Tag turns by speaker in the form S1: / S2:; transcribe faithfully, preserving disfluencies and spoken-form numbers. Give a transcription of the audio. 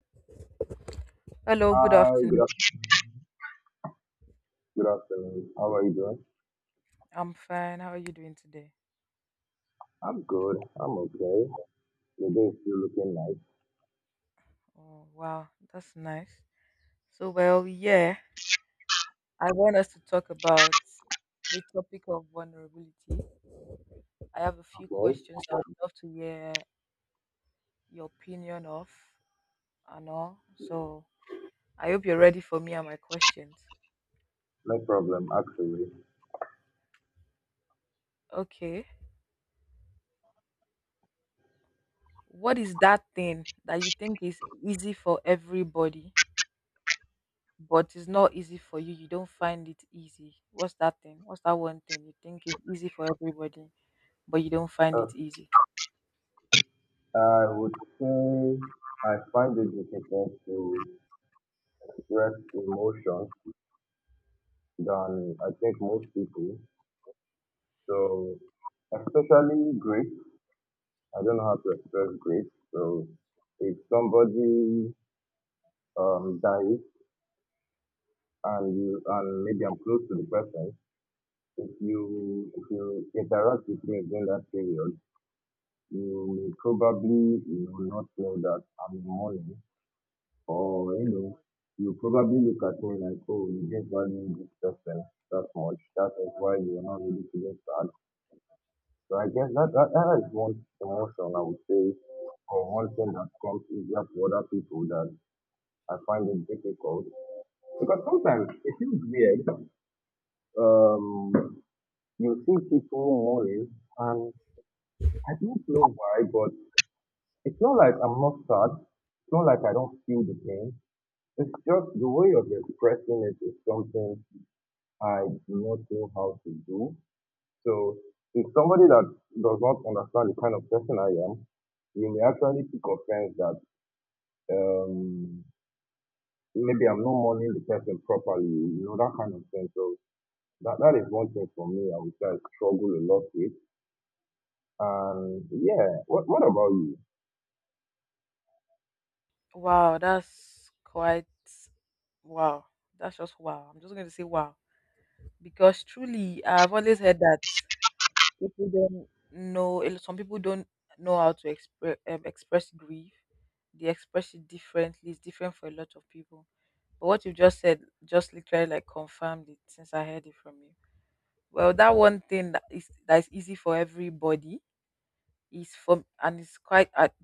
S1: Hello, good
S2: Hi, good
S1: afternoon.
S2: afternoon. Good afternoon. How are you doing?
S1: I'm fine. How are you doing today?
S2: I'm good. I'm okay. The day is still looking nice.
S1: Oh, wow, that's nice. So, well, yeah, I want us to talk about the topic of vulnerability. I have a few
S2: Okay.
S1: questions I would love to hear your opinion of and all. So, I hope you're ready for me and my questions.
S2: No problem, actually.
S1: Okay. What is that thing that you think is easy for everybody, but is not easy for you? You don't find it easy. What's that thing? What's that one thing you think is easy for everybody, but you don't find
S2: Uh,
S1: it easy?
S2: I would say I find it difficult to express emotion than I think most people. So, especially grief. I don't know how to express grief. So, if somebody um dies and you and maybe I'm close to the person, if you if you interact with me during that period, you may probably you know not know that I'm in mourning, or you know you probably look at me like, oh, you didn't value this person that much. That is why you are not really feeling sad. So I guess that that, that is one emotion I would say, or one thing that comes easier to other people that I find it difficult because sometimes it feels weird. Um, you see people mourning and I don't know why, but it's not like I'm not sad. It's not like I don't feel the pain. It's just the way of expressing it is something I do not know how to do. So if somebody that does not understand the kind of person I am, you may actually take offense that um maybe I'm not mourning the person properly, you know, that kind of thing. So that, that is one thing for me I would say I struggle a lot with. And yeah, what what about you?
S1: Wow, that's quite wow. That's just wow. I'm just going to say wow because truly, I've always heard that people don't know. a lot- Some people don't know how to express um, express grief. They express it differently. It's different for a lot of people. But what you just said just literally like confirmed it since I heard it from you. Well, that one thing that is that is easy for everybody is from and it's quite at